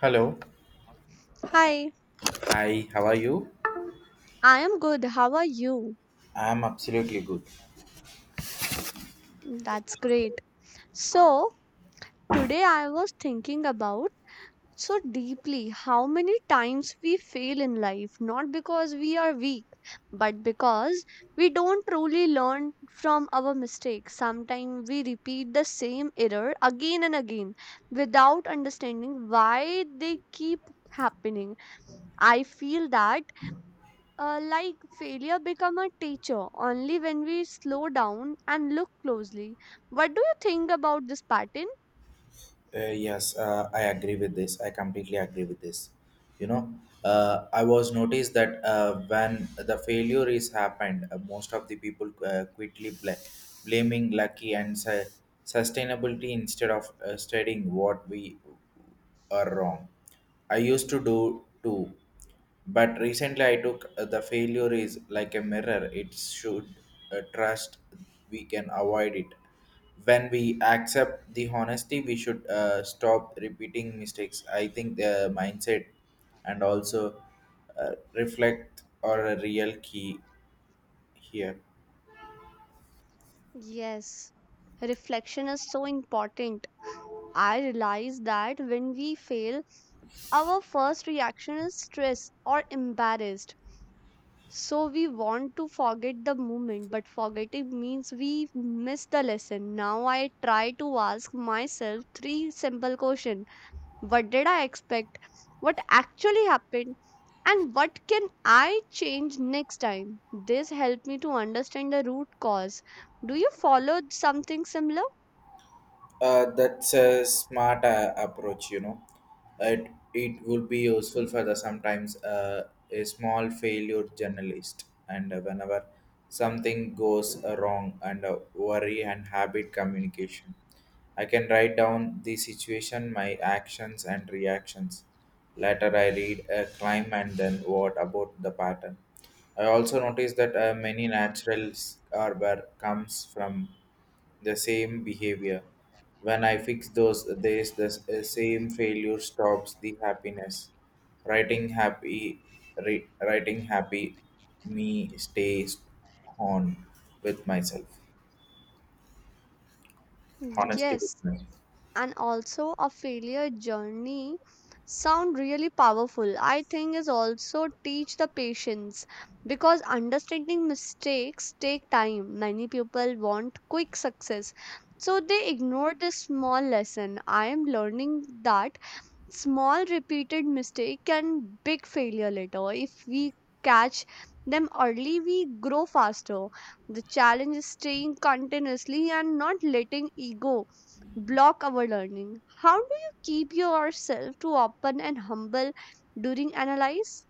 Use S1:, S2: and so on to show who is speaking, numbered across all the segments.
S1: Hello.
S2: Hi,
S1: Hi, how are you?
S2: I am good. How are you?
S1: I'm absolutely good.
S2: That's great. So, today I was thinking about so deeply how many times we fail in life, not because we are weak, but because we don't truly learn from our mistakes. Sometimes we repeat the same error again and again without understanding why they keep happening. I feel that like failure become a teacher only when we slow down and look closely. What do you think about this pattern?
S1: Yes, I agree with this. I completely agree with this. You know, I was noticed that when the failure is happened, most of the people quickly blaming lucky and sustainability instead of studying what we are wrong. I used to do too. But recently, I took the failure is like a mirror. It should trust we can avoid it. When we accept the honesty, we should stop repeating mistakes. I think the mindset and also reflect are a real key here.
S2: Yes, reflection is so important. I realize that when we fail, our first reaction is stress or embarrassed. So we want to forget the moment, but forgetting means we miss the lesson. Now I try to ask myself three simple questions. What did I expect? What actually happened? And what can I change next time? This helped me to understand the root cause. Do you follow something similar?
S1: That's a smart approach, you know. It, it would be useful for the sometimes a small failure journalist, and whenever something goes wrong, and worry and habit communication. I can write down the situation, my actions and reactions. Later, I read a crime and then what about the pattern. I also noticed that many naturals are where comes from the same behavior. When I fix those there's the same failure stops the happiness. Writing happy, writing happy, me stays on with myself. Honesty with
S2: Yes,
S1: myself.
S2: and also a failure journey sound really powerful. I think is also teach the patience because understanding mistakes take time. Many people want quick success, so they ignore this small lesson. I am learning that small repeated mistake can big failure later if we catch them early we grow faster. The challenge is staying continuously and not letting ego block our learning. How do you keep yourself to open and humble during analyze?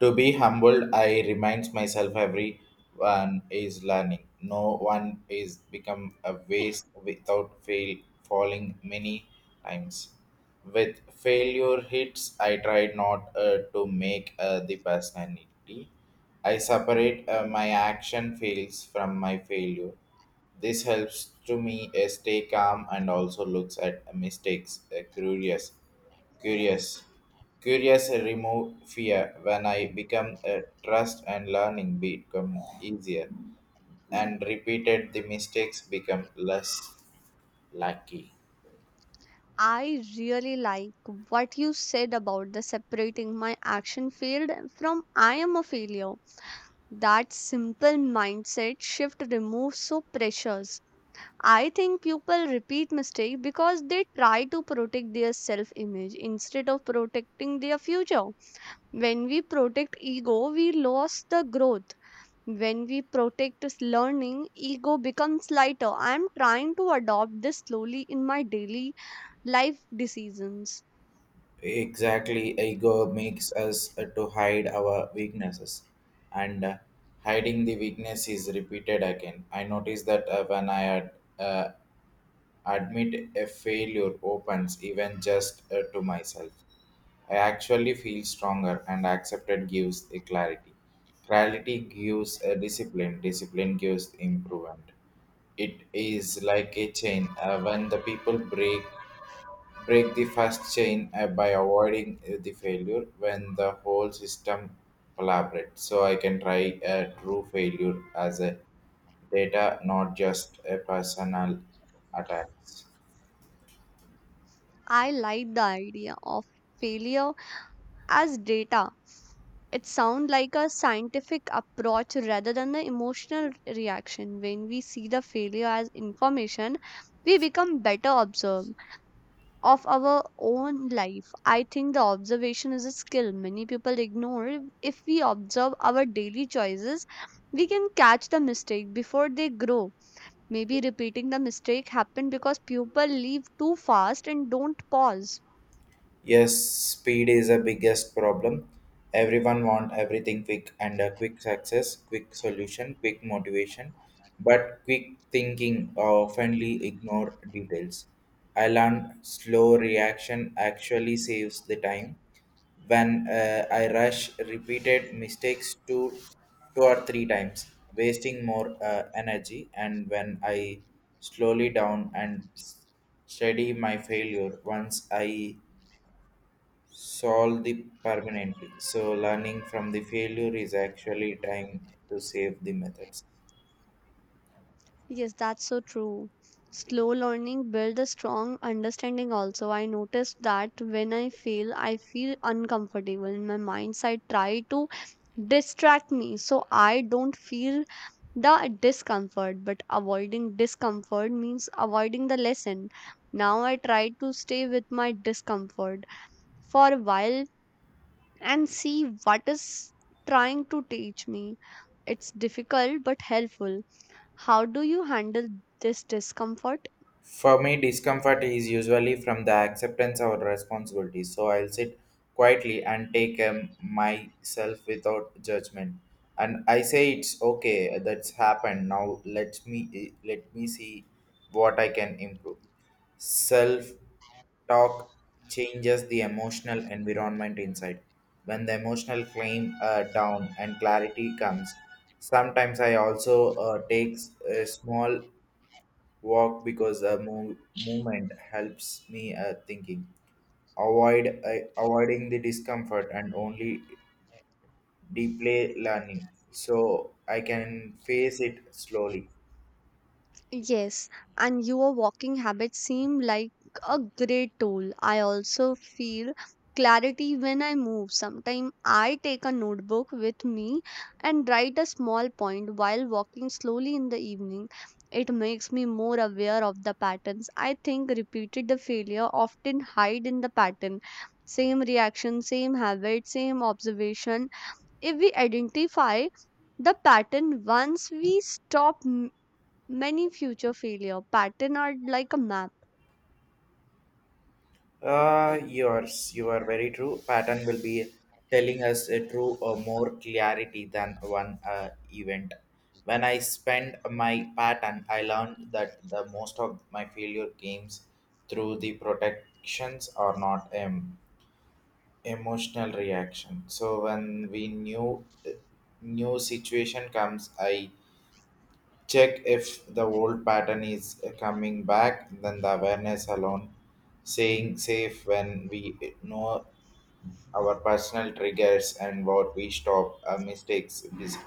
S1: To be humbled, I reminds myself everyone is learning. No one is become a waste without fail falling many times. With failure hits, I try not to make the personality. I separate my action fails from my failure. This helps to me stay calm and also looks at mistakes curious. Curious. Curious remove fear when I become a trust and learning become easier and repeated the mistakes become less lucky.
S2: I really like what you said about the separating my action failed from I am a failure. That simple mindset shift removes so pressures. I think people repeat mistakes because they try to protect their self image instead of protecting their future. When we protect ego, we lose the growth. When we protect learning, ego becomes lighter. I am trying to adopt this slowly in my daily life decisions.
S1: Exactly, ego makes us to hide our weaknesses, and hiding the weakness is repeated again. I noticed that when I had uh, admit a failure opens even just to myself. I actually feel stronger and accepted gives a clarity. Clarity gives a discipline, discipline gives improvement. It is like a chain. When the people break the first chain by avoiding the failure when the whole system collaborates. So I can try a true failure as a data, not just a personal attacks.
S2: I like the idea of failure as data. It sounds like a scientific approach rather than the emotional reaction. When we see the failure as information, we become better observe of our own life. I think the observation is a skill many people ignore. If we observe our daily choices, we can catch the mistake before they grow. Maybe repeating the mistake happened because people leave too fast and don't pause.
S1: Yes, speed is the biggest problem. Everyone want everything quick and a quick success, quick solution, quick motivation, but quick thinking oftenly ignore details. I learned slow reaction actually saves the time. When I rush repeated mistakes two or three times, wasting more energy, and when I slowly down and study my failure once I solve the permanently. So learning from the failure is actually time to save the methods.
S2: Yes, that's so true. Slow learning builds a strong understanding also. I noticed that when I fail, I feel uncomfortable in my mindset try to distract me so I don't feel the discomfort. But avoiding discomfort means avoiding the lesson. Now I try to stay with my discomfort for a while and see what is trying to teach me. It's difficult but helpful. How do you handle this discomfort?
S1: For me, discomfort is usually from the acceptance of responsibility, so I'll sit quietly and take myself without judgment. And I say it's okay, that's happened. Now let me see what I can improve. Self talk changes the emotional environment inside. When the emotional claim down and clarity comes, sometimes I also takes a small walk because a movement helps me thinking avoid I avoiding the discomfort and only deeply learning so I can face it slowly.
S2: Yes, and your walking habits seem like a great tool. I also feel clarity when I move. Sometimes I take a notebook with me and write a small point while walking slowly in the evening. It makes me more aware of the patterns. I think repeated the failure often hide in the pattern. Same reaction, same habit, same observation. If we identify the pattern once we stop many future failure. Pattern are like a map.
S1: You are very true pattern will be telling us a true or more clarity than one event when I spend my pattern I learned that the most of my failure games through the protections are not emotional reaction so when we new situation comes I check if the old pattern is coming back then the awareness alone saying safe when we know our personal triggers and what we stop our mistakes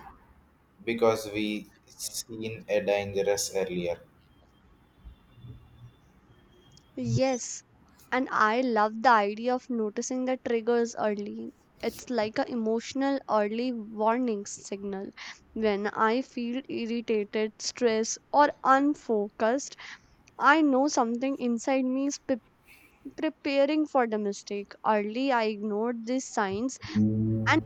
S1: because we seen a dangerous earlier.
S2: Yes, and I love the idea of noticing the triggers early. It's like a emotional early warning signal. When I feel irritated, stressed, or unfocused, I know something inside me is preparing for the mistake. Early I ignored these signs and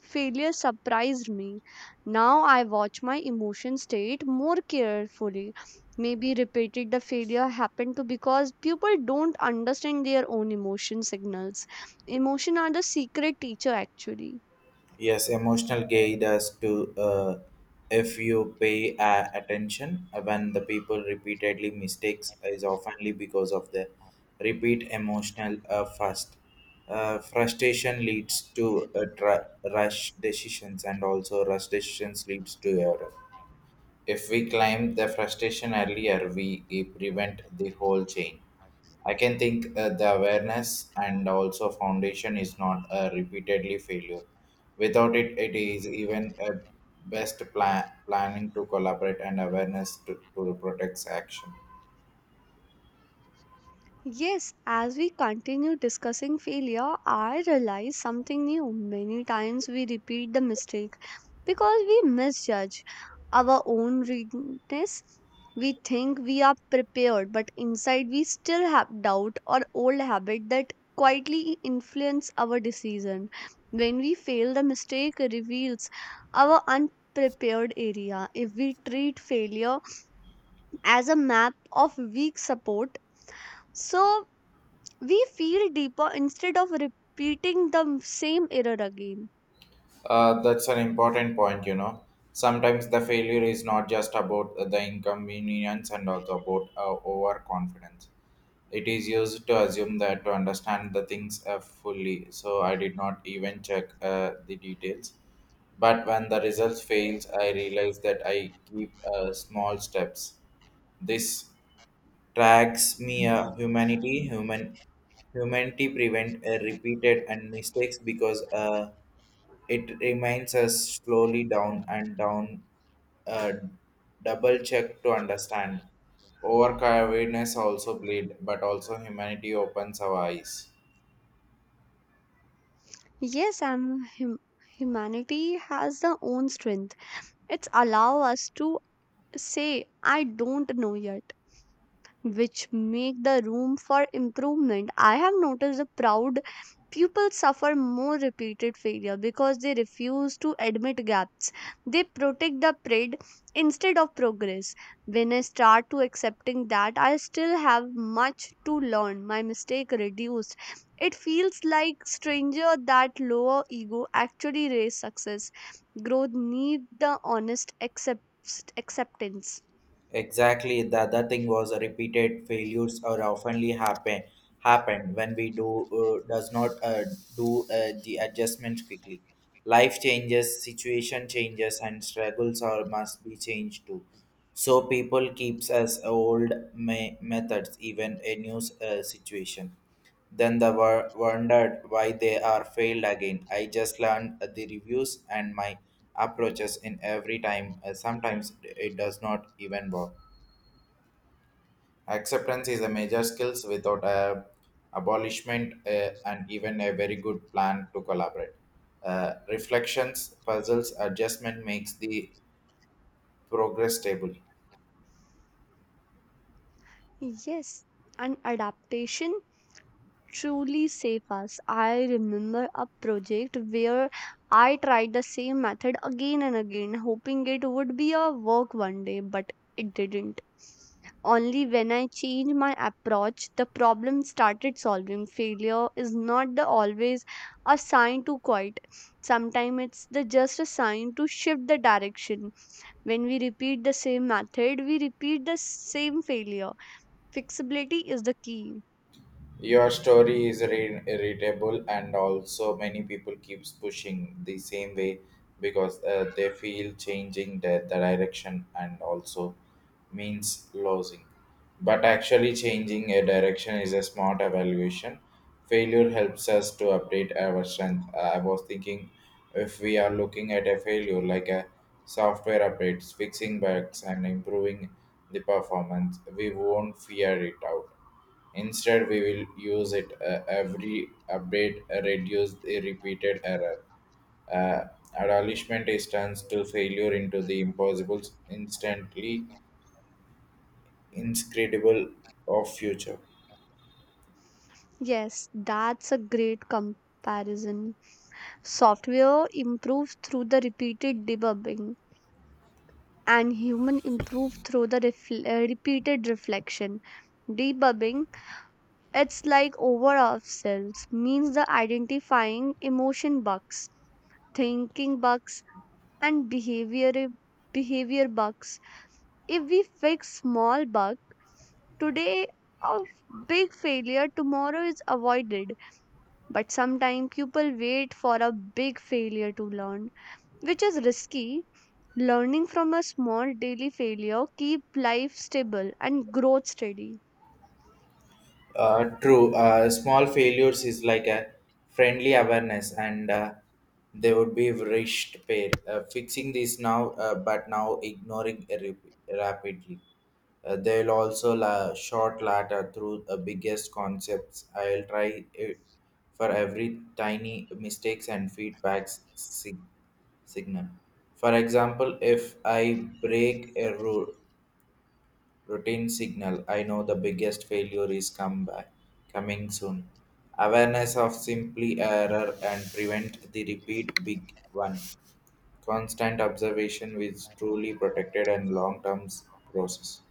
S2: failure surprised me. Now I watch my emotion state more carefully. Maybe repeated the failure happened to because people don't understand their own emotion signals. Emotion are the secret teacher actually.
S1: Yes, emotional guide as to if you pay attention when the people repeatedly mistakes is oftenly because of the repeat emotional fast. Frustration leads to rush decisions and also rush decisions leads to error. If we climb the frustration earlier, we prevent the whole chain. I can think the awareness and also foundation is not a repeatedly failure. Without it, it is even a best plan planning to collaborate and awareness to protect action.
S2: Yes, as we continue discussing failure, I realize something new. Many times we repeat the mistake because we misjudge our own weakness. We think we are prepared, but inside we still have doubt or old habit that quietly influence our decision. When we fail, the mistake reveals our unprepared area. If we treat failure as a map of weak support, so we feel deeper instead of repeating the same error again.
S1: That's an important point, you know. Sometimes the failure is not just about the inconvenience and also about overconfidence. It is used to assume that to understand the things fully, so I did not even check the details. But when the results fails, I realize that I keep small steps. This tracks me a humanity, humanity prevent a repeated and mistakes because it reminds us slowly down and down uh, double check to understand. Overcome awareness also bleed, but also humanity opens our eyes.
S2: Yes, humanity has their own strength. It's allow us to say, I don't know yet, which make the room for improvement. I have noticed the proud pupils suffer more repeated failure because they refuse to admit gaps. They protect the pride instead of progress. When I start to accepting that I still have much to learn, my mistake reduced. It feels like stranger that lower ego actually raise success. Growth need the honest acceptance.
S1: Exactly. The other thing was repeated failures are oftenly happen when we do does not do the adjustment quickly. Life changes, situation changes, and struggles are must be changed too. So people keeps us old methods even a new situation. Then they were wondered why they are failed again. I just learned the reviews and my approaches in every time. Sometimes it does not even work. Acceptance is a major skill without a abolishment and even a very good plan to collaborate. Reflections, puzzles, adjustment makes the progress stable.
S2: Yes, and adaptation truly save us. I remember a project where I tried the same method again and again, hoping it would be a work one day, but it didn't. Only when I changed my approach, the problem started solving. Failure is not the always a sign to quit. Sometimes it's the just a sign to shift the direction. When we repeat the same method, we repeat the same failure. Flexibility is the key.
S1: Your story is readable and also many people keeps pushing the same way because they feel changing the direction and also means losing. But actually, changing a direction is a smart evaluation. Failure helps us to update our strength. I was thinking if we are looking at a failure like a software updates, fixing bugs, and improving the performance, we won't fear it out. Instead, we will use it every update, reduce the repeated error. Uh, Adolescent is turns to failure into the impossible, instantly inscrutable of future.
S2: Yes, that's a great comparison. Software improves through the repeated debugging, and human improve through the repeated reflection. Debugging, it's like over ourselves, means the identifying emotion bugs, thinking bugs, and behavior bugs. If we fix small bug today, a big failure tomorrow is avoided. But sometimes people wait for a big failure to learn, which is risky. Learning from a small daily failure keep life stable and growth steady.
S1: True. Small failures is like a friendly awareness, and they would be rushed pair. Fixing this now, but now ignoring rapidly. They will also short latter through the biggest concepts. I'll try it for every tiny mistakes and feedbacks signal. For example, if I break a rule, routine signal. I know the biggest failure is coming soon. Awareness of simply error and prevent the repeat big one. Constant observation is truly protected and long term process.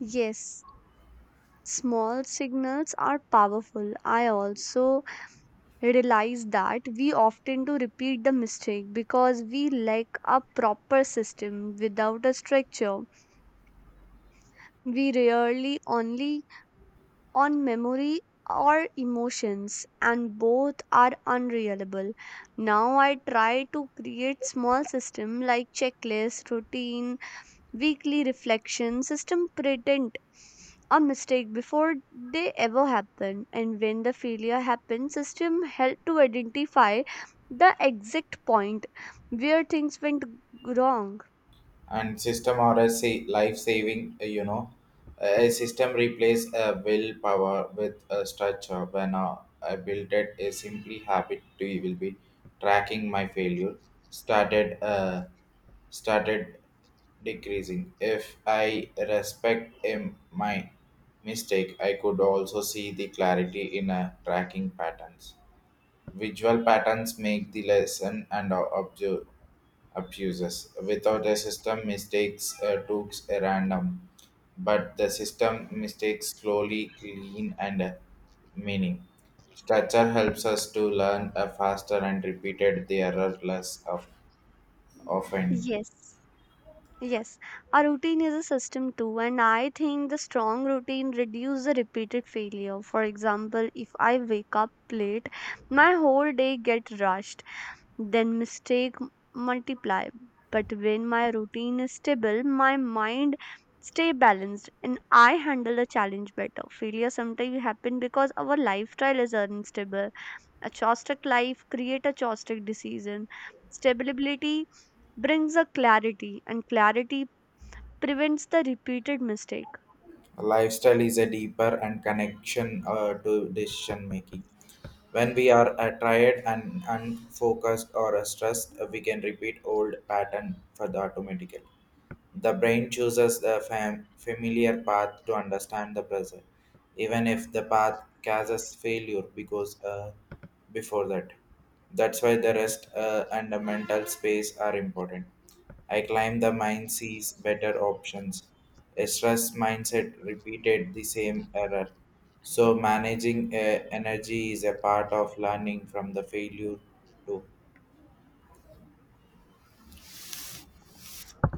S2: Yes, small signals are powerful. I also realize that we often do repeat the mistake because we lack a proper system without a structure. We rarely only on memory or emotions, and both are unreliable. Now I try to create small system like checklist, routine, weekly reflection system pretend a mistake before they ever happen. And when the failure happens, system help to identify the exact point where things went wrong.
S1: And system or a life saving, you know, a system replace a willpower with a structure when I built it a simply habit to will be tracking my failure started uh, started decreasing if I respect my mistake I could also see the clarity in a tracking patterns. Visual patterns make the lesson and abuses. Without a system, mistakes took a random, but the system mistakes slowly, clean, and meaning. Structure helps us to learn faster and repeated the error less of, often.
S2: Yes. Yes, a routine is a system too, and I think the strong routine reduces the repeated failure. For example, if I wake up late, my whole day get rushed, then mistake multiply. But when my routine is stable, my mind stay balanced and I handle the challenge better. Failure sometimes happen because our lifestyle is unstable. A chaotic life create a chaotic decision. Stability brings a clarity and clarity prevents the repeated mistake.
S1: Lifestyle is a deeper and connection to decision making. When we are tired and unfocused or stressed, we can repeat old pattern for the automatically. The brain chooses the familiar path to understand the present, even if the path causes failure because before that. That's why the rest and the mental space are important. I claim the mind sees better options. A stress mindset repeated the same error. So managing energy is a part of learning from the failure too.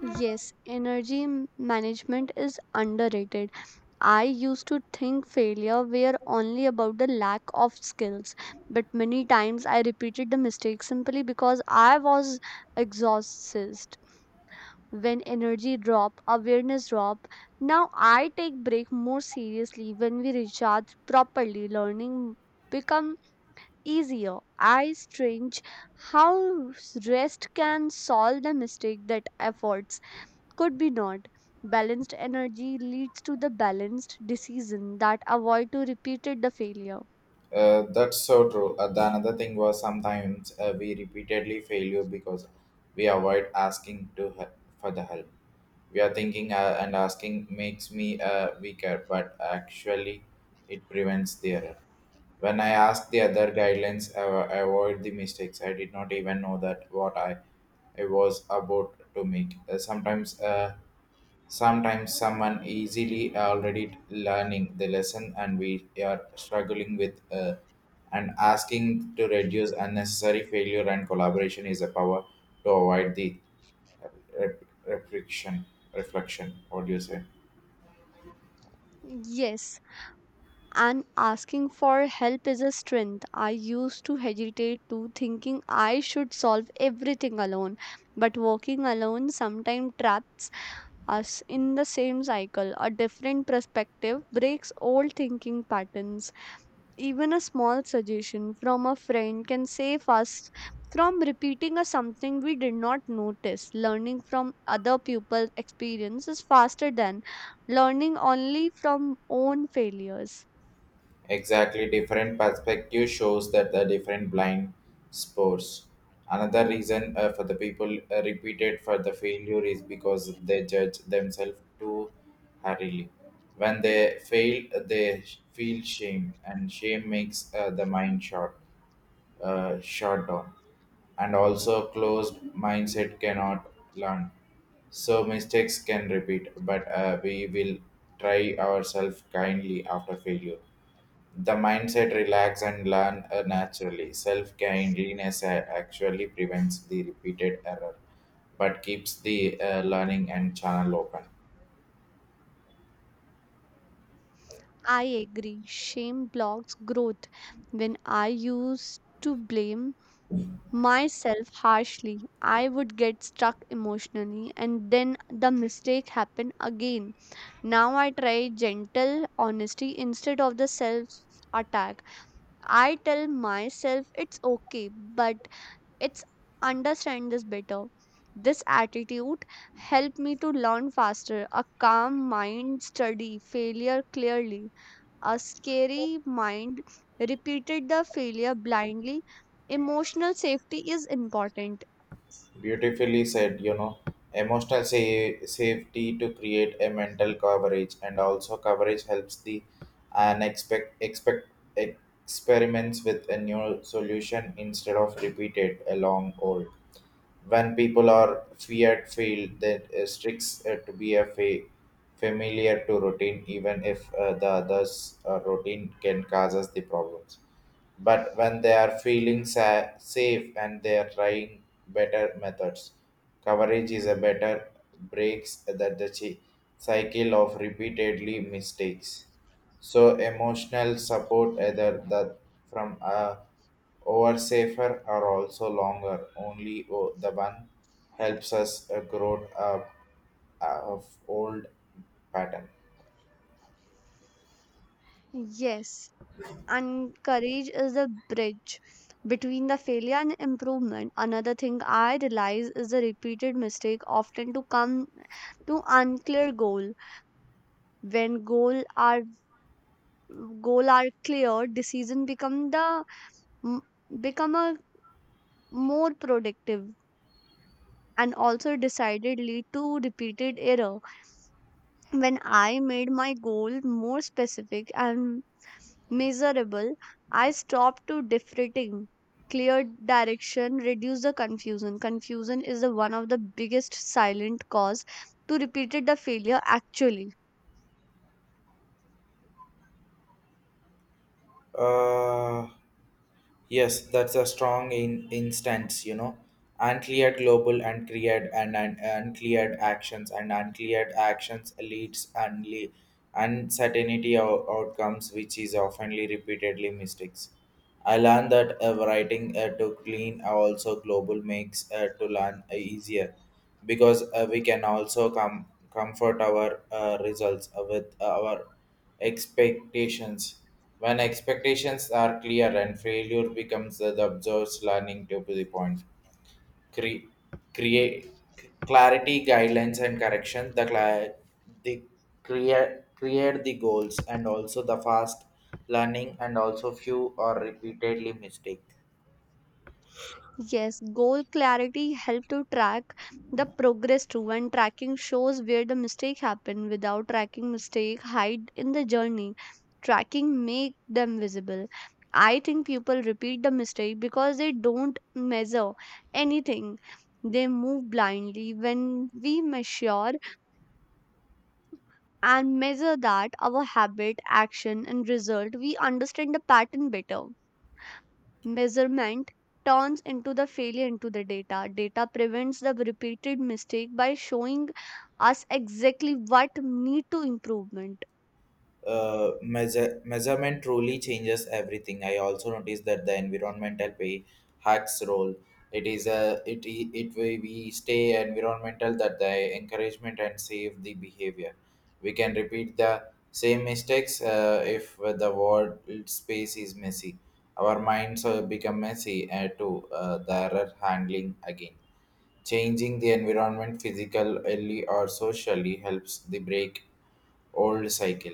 S2: Yes, energy management is underrated. I used to think failure were only about the lack of skills, but many times I repeated the mistake simply because I was exhausted. When energy drop, awareness drop. Now I take break more seriously. When we recharge properly, learning become easier. I strange how rest can solve the mistake that efforts could be not. Balanced energy leads to the balanced decision that avoid to repeated the failure.
S1: That's so true. The another thing was sometimes we repeatedly fail you because we avoid asking to help, for the help. We are thinking and asking makes me weaker, but actually it prevents the error. When I asked the other guidelines, I avoid the mistakes. I did not even know that what I was about to make. Sometimes someone easily already learning the lesson and we are struggling with and asking to reduce unnecessary failure and collaboration is a power to avoid the uh, rep- reflection reflection, what do you say?
S2: Yes, and asking for help is a strength. I used to hesitate to thinking I should solve everything alone, but walking alone sometimes traps us in the same cycle. A different perspective breaks old thinking patterns. Even a small suggestion from a friend can save us from repeating a something we did not notice. Learning from other people's experience is faster than learning only from own failures.
S1: Exactly, different perspective shows that the different blind spots. Another reason for the people repeated for the failure is because they judge themselves too hurriedly. When they fail, they feel shame, and shame makes the mind short shut down and also closed mindset cannot learn so mistakes can repeat but we will try ourselves kindly after failure the mindset relax and learn naturally self kindliness actually prevents the repeated error but keeps the learning and channel open.
S2: I agree. Shame blocks growth. When I used to blame myself harshly, I would get stuck emotionally and then the mistake happened again. Now I try gentle honesty instead of the self attack. I tell myself it's okay, but it's understand this better. This attitude helped me to learn faster. A calm mind study failure clearly. A scary mind repeated the failure blindly. Emotional safety is important.
S1: Beautifully said, you know, emotional safety to create a mental coverage, and also coverage helps the unexpect expect experiments with a new solution instead of repeated a long old when people are feared feel that tricks to be a familiar to routine even if the others routine can cause us the problems but when they are feeling safe and they are trying better methods coverage is a better breaks that the cycle of repeatedly mistakes so emotional support either that from a our safer are also longer. Only the one helps us grow up of old pattern.
S2: Yes, and courage is the bridge between the failure and improvement. Another thing I realize is the repeated mistake often to come to unclear goal. When goal are clear, decision become the m- become a more productive, and also decided lead to repeated error. When I made my goal more specific and miserable, I stopped to differentiating. Clear direction, reduce the confusion. Confusion is the one of the biggest silent cause to repeated the failure actually.
S1: Uh, Yes, that's a strong in instance, you know. Uncleared global, and uncleared and uncleared actions, and uncleared actions leads only uncertainty outcomes, which is oftenly repeatedly mistakes. I learned that writing to clean also global makes to learn easier because we can also comfort our results with our expectations. When expectations are clear and failure becomes the observed learning to the point. Cre- Create clarity, guidelines, and correction. The, cli- the Create the goals and also the fast learning and also few or repeatedly mistake.
S2: Yes, goal clarity help to track the progress too, and tracking shows where the mistake happened. Without tracking mistake, hide in the journey. Tracking make them visible. I think people repeat the mistake because they don't measure anything. They move blindly. When we measure and measure that our habit, action, and result, we understand the pattern better. Measurement turns into the failure into the data. Data prevents the repeated mistake by showing us exactly what need to improvement.
S1: Measurement truly changes everything. I also noticed that the environmental pay hacks role. It is a it I- it way we stay environmental that the encouragement and save the behavior. We can repeat the same mistakes if the world space is messy. Our minds become messy to the error handling again. Changing the environment physically or socially helps the break old cycle.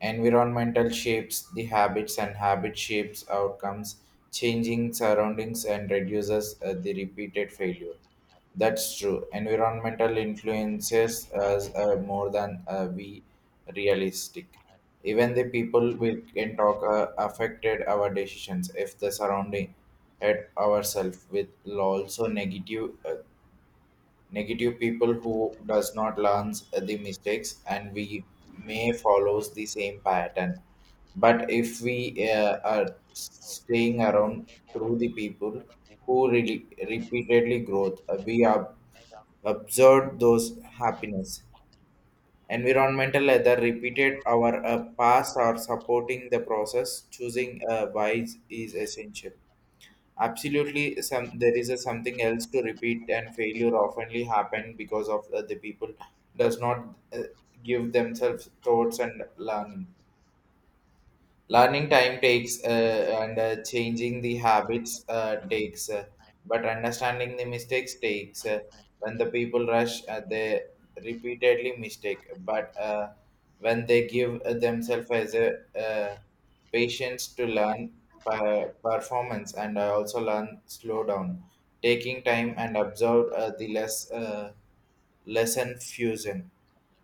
S1: Environmental shapes the habits and habit shapes outcomes. Changing surroundings and reduces the repeated failure. That's true. Environmental influences us more than we realistic. Even the people we can talk affected our decisions if the surrounding at ourselves with also negative people who does not learn the mistakes and we may follows the same pattern but if we are staying around through the people who really repeatedly growth, we are observed those happiness environmental other repeated our past or supporting the process choosing a wise is essential. Absolutely, some there is a something else to repeat, and failure oftenly happen because of the people does not give themselves thoughts and learning learning time takes and changing the habits takes, but understanding the mistakes takes when the people rush they repeatedly mistake but when they give themselves as a patience to learn performance and also learn slow down taking time and observe the less lesson fusion.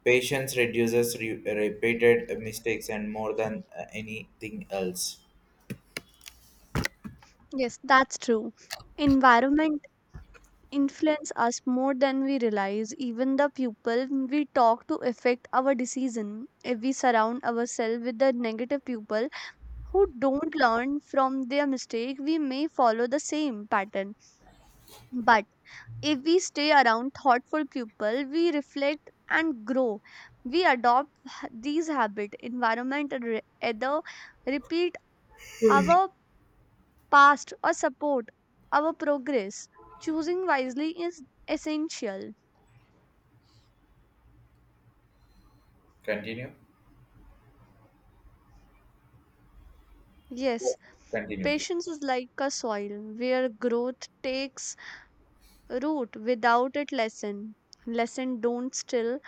S1: Patience reduces repeated mistakes and more than anything else.
S2: Yes, that's true. Environment influence us more than we realize. Even the people we talk to affect our decision. If we surround ourselves with the negative people who don't learn from their mistake, we may follow the same pattern. But if we stay around thoughtful people, we reflect and grow. We adopt these habits. Environment either repeat our past or support our progress. Choosing wisely is essential. Yes,
S1: Continue.
S2: patience is like a soil where growth takes root without it lesson. Lesson don't still.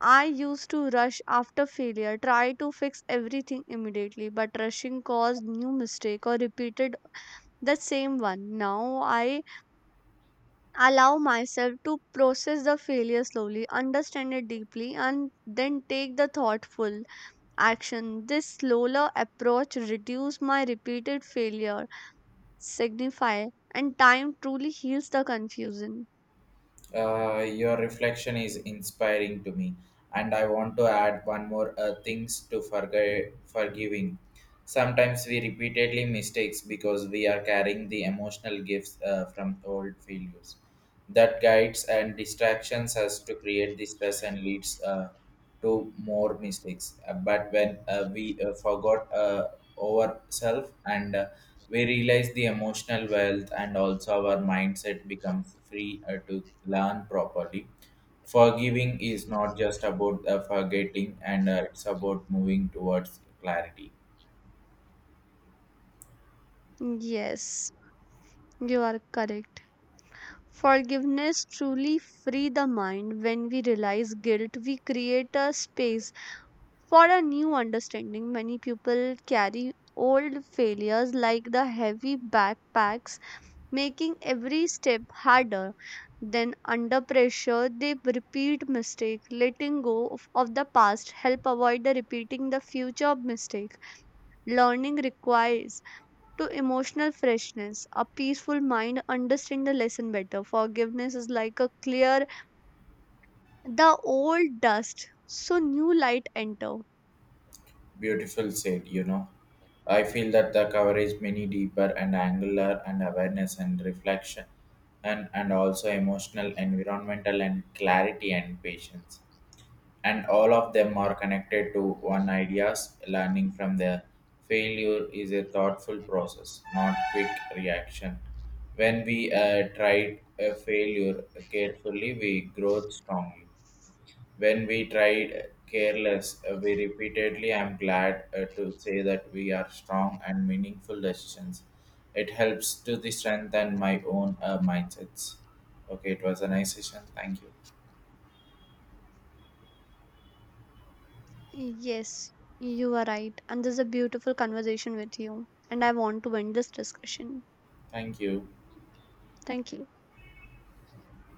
S2: I used to rush after failure, try to fix everything immediately, but rushing caused new mistake or repeated the same one. Now I allow myself to process the failure slowly, understand it deeply, and then take the thoughtful action. This slower approach reduces my repeated failure, signify, and time truly heals the confusion.
S1: Your reflection is inspiring to me, and I want to add one more things to forgiving. Sometimes we repeatedly mistakes because we are carrying the emotional gifts from old failures. That guides and distractions us to create the stress and leads to more mistakes. But when we forgot ourselves and we realize the emotional wealth and also our mindset becomes free to learn properly. Forgiving is not just about forgetting, and it's about moving towards clarity.
S2: Yes, you are correct. Forgiveness truly free the mind. When we realize guilt, we create a space for a new understanding. Many people carry old failures like the heavy backpacks, making every step harder. Then under pressure they repeat mistake. Letting go of the past help avoid the repeating the future mistake. Learning requires to emotional freshness. A peaceful mind understand the lesson better. Forgiveness is like a clear the old dust, so new light enter.
S1: Beautiful said, you know. I feel that the coverage many deeper and angular and awareness and reflection and also emotional, environmental and clarity and patience. And all of them are connected to one ideas, learning from their failure is a thoughtful process, not quick reaction. When we tried a failure carefully, we grow strongly when we tried careless, we repeatedly I'm glad to say that we are strong and meaningful decisions. It helps to the strengthen my own mindsets. Okay, it was a nice session. Thank you.
S2: Yes, you are right. And this is a beautiful conversation with you. And I want to end this discussion.
S1: Thank you.
S2: Thank you.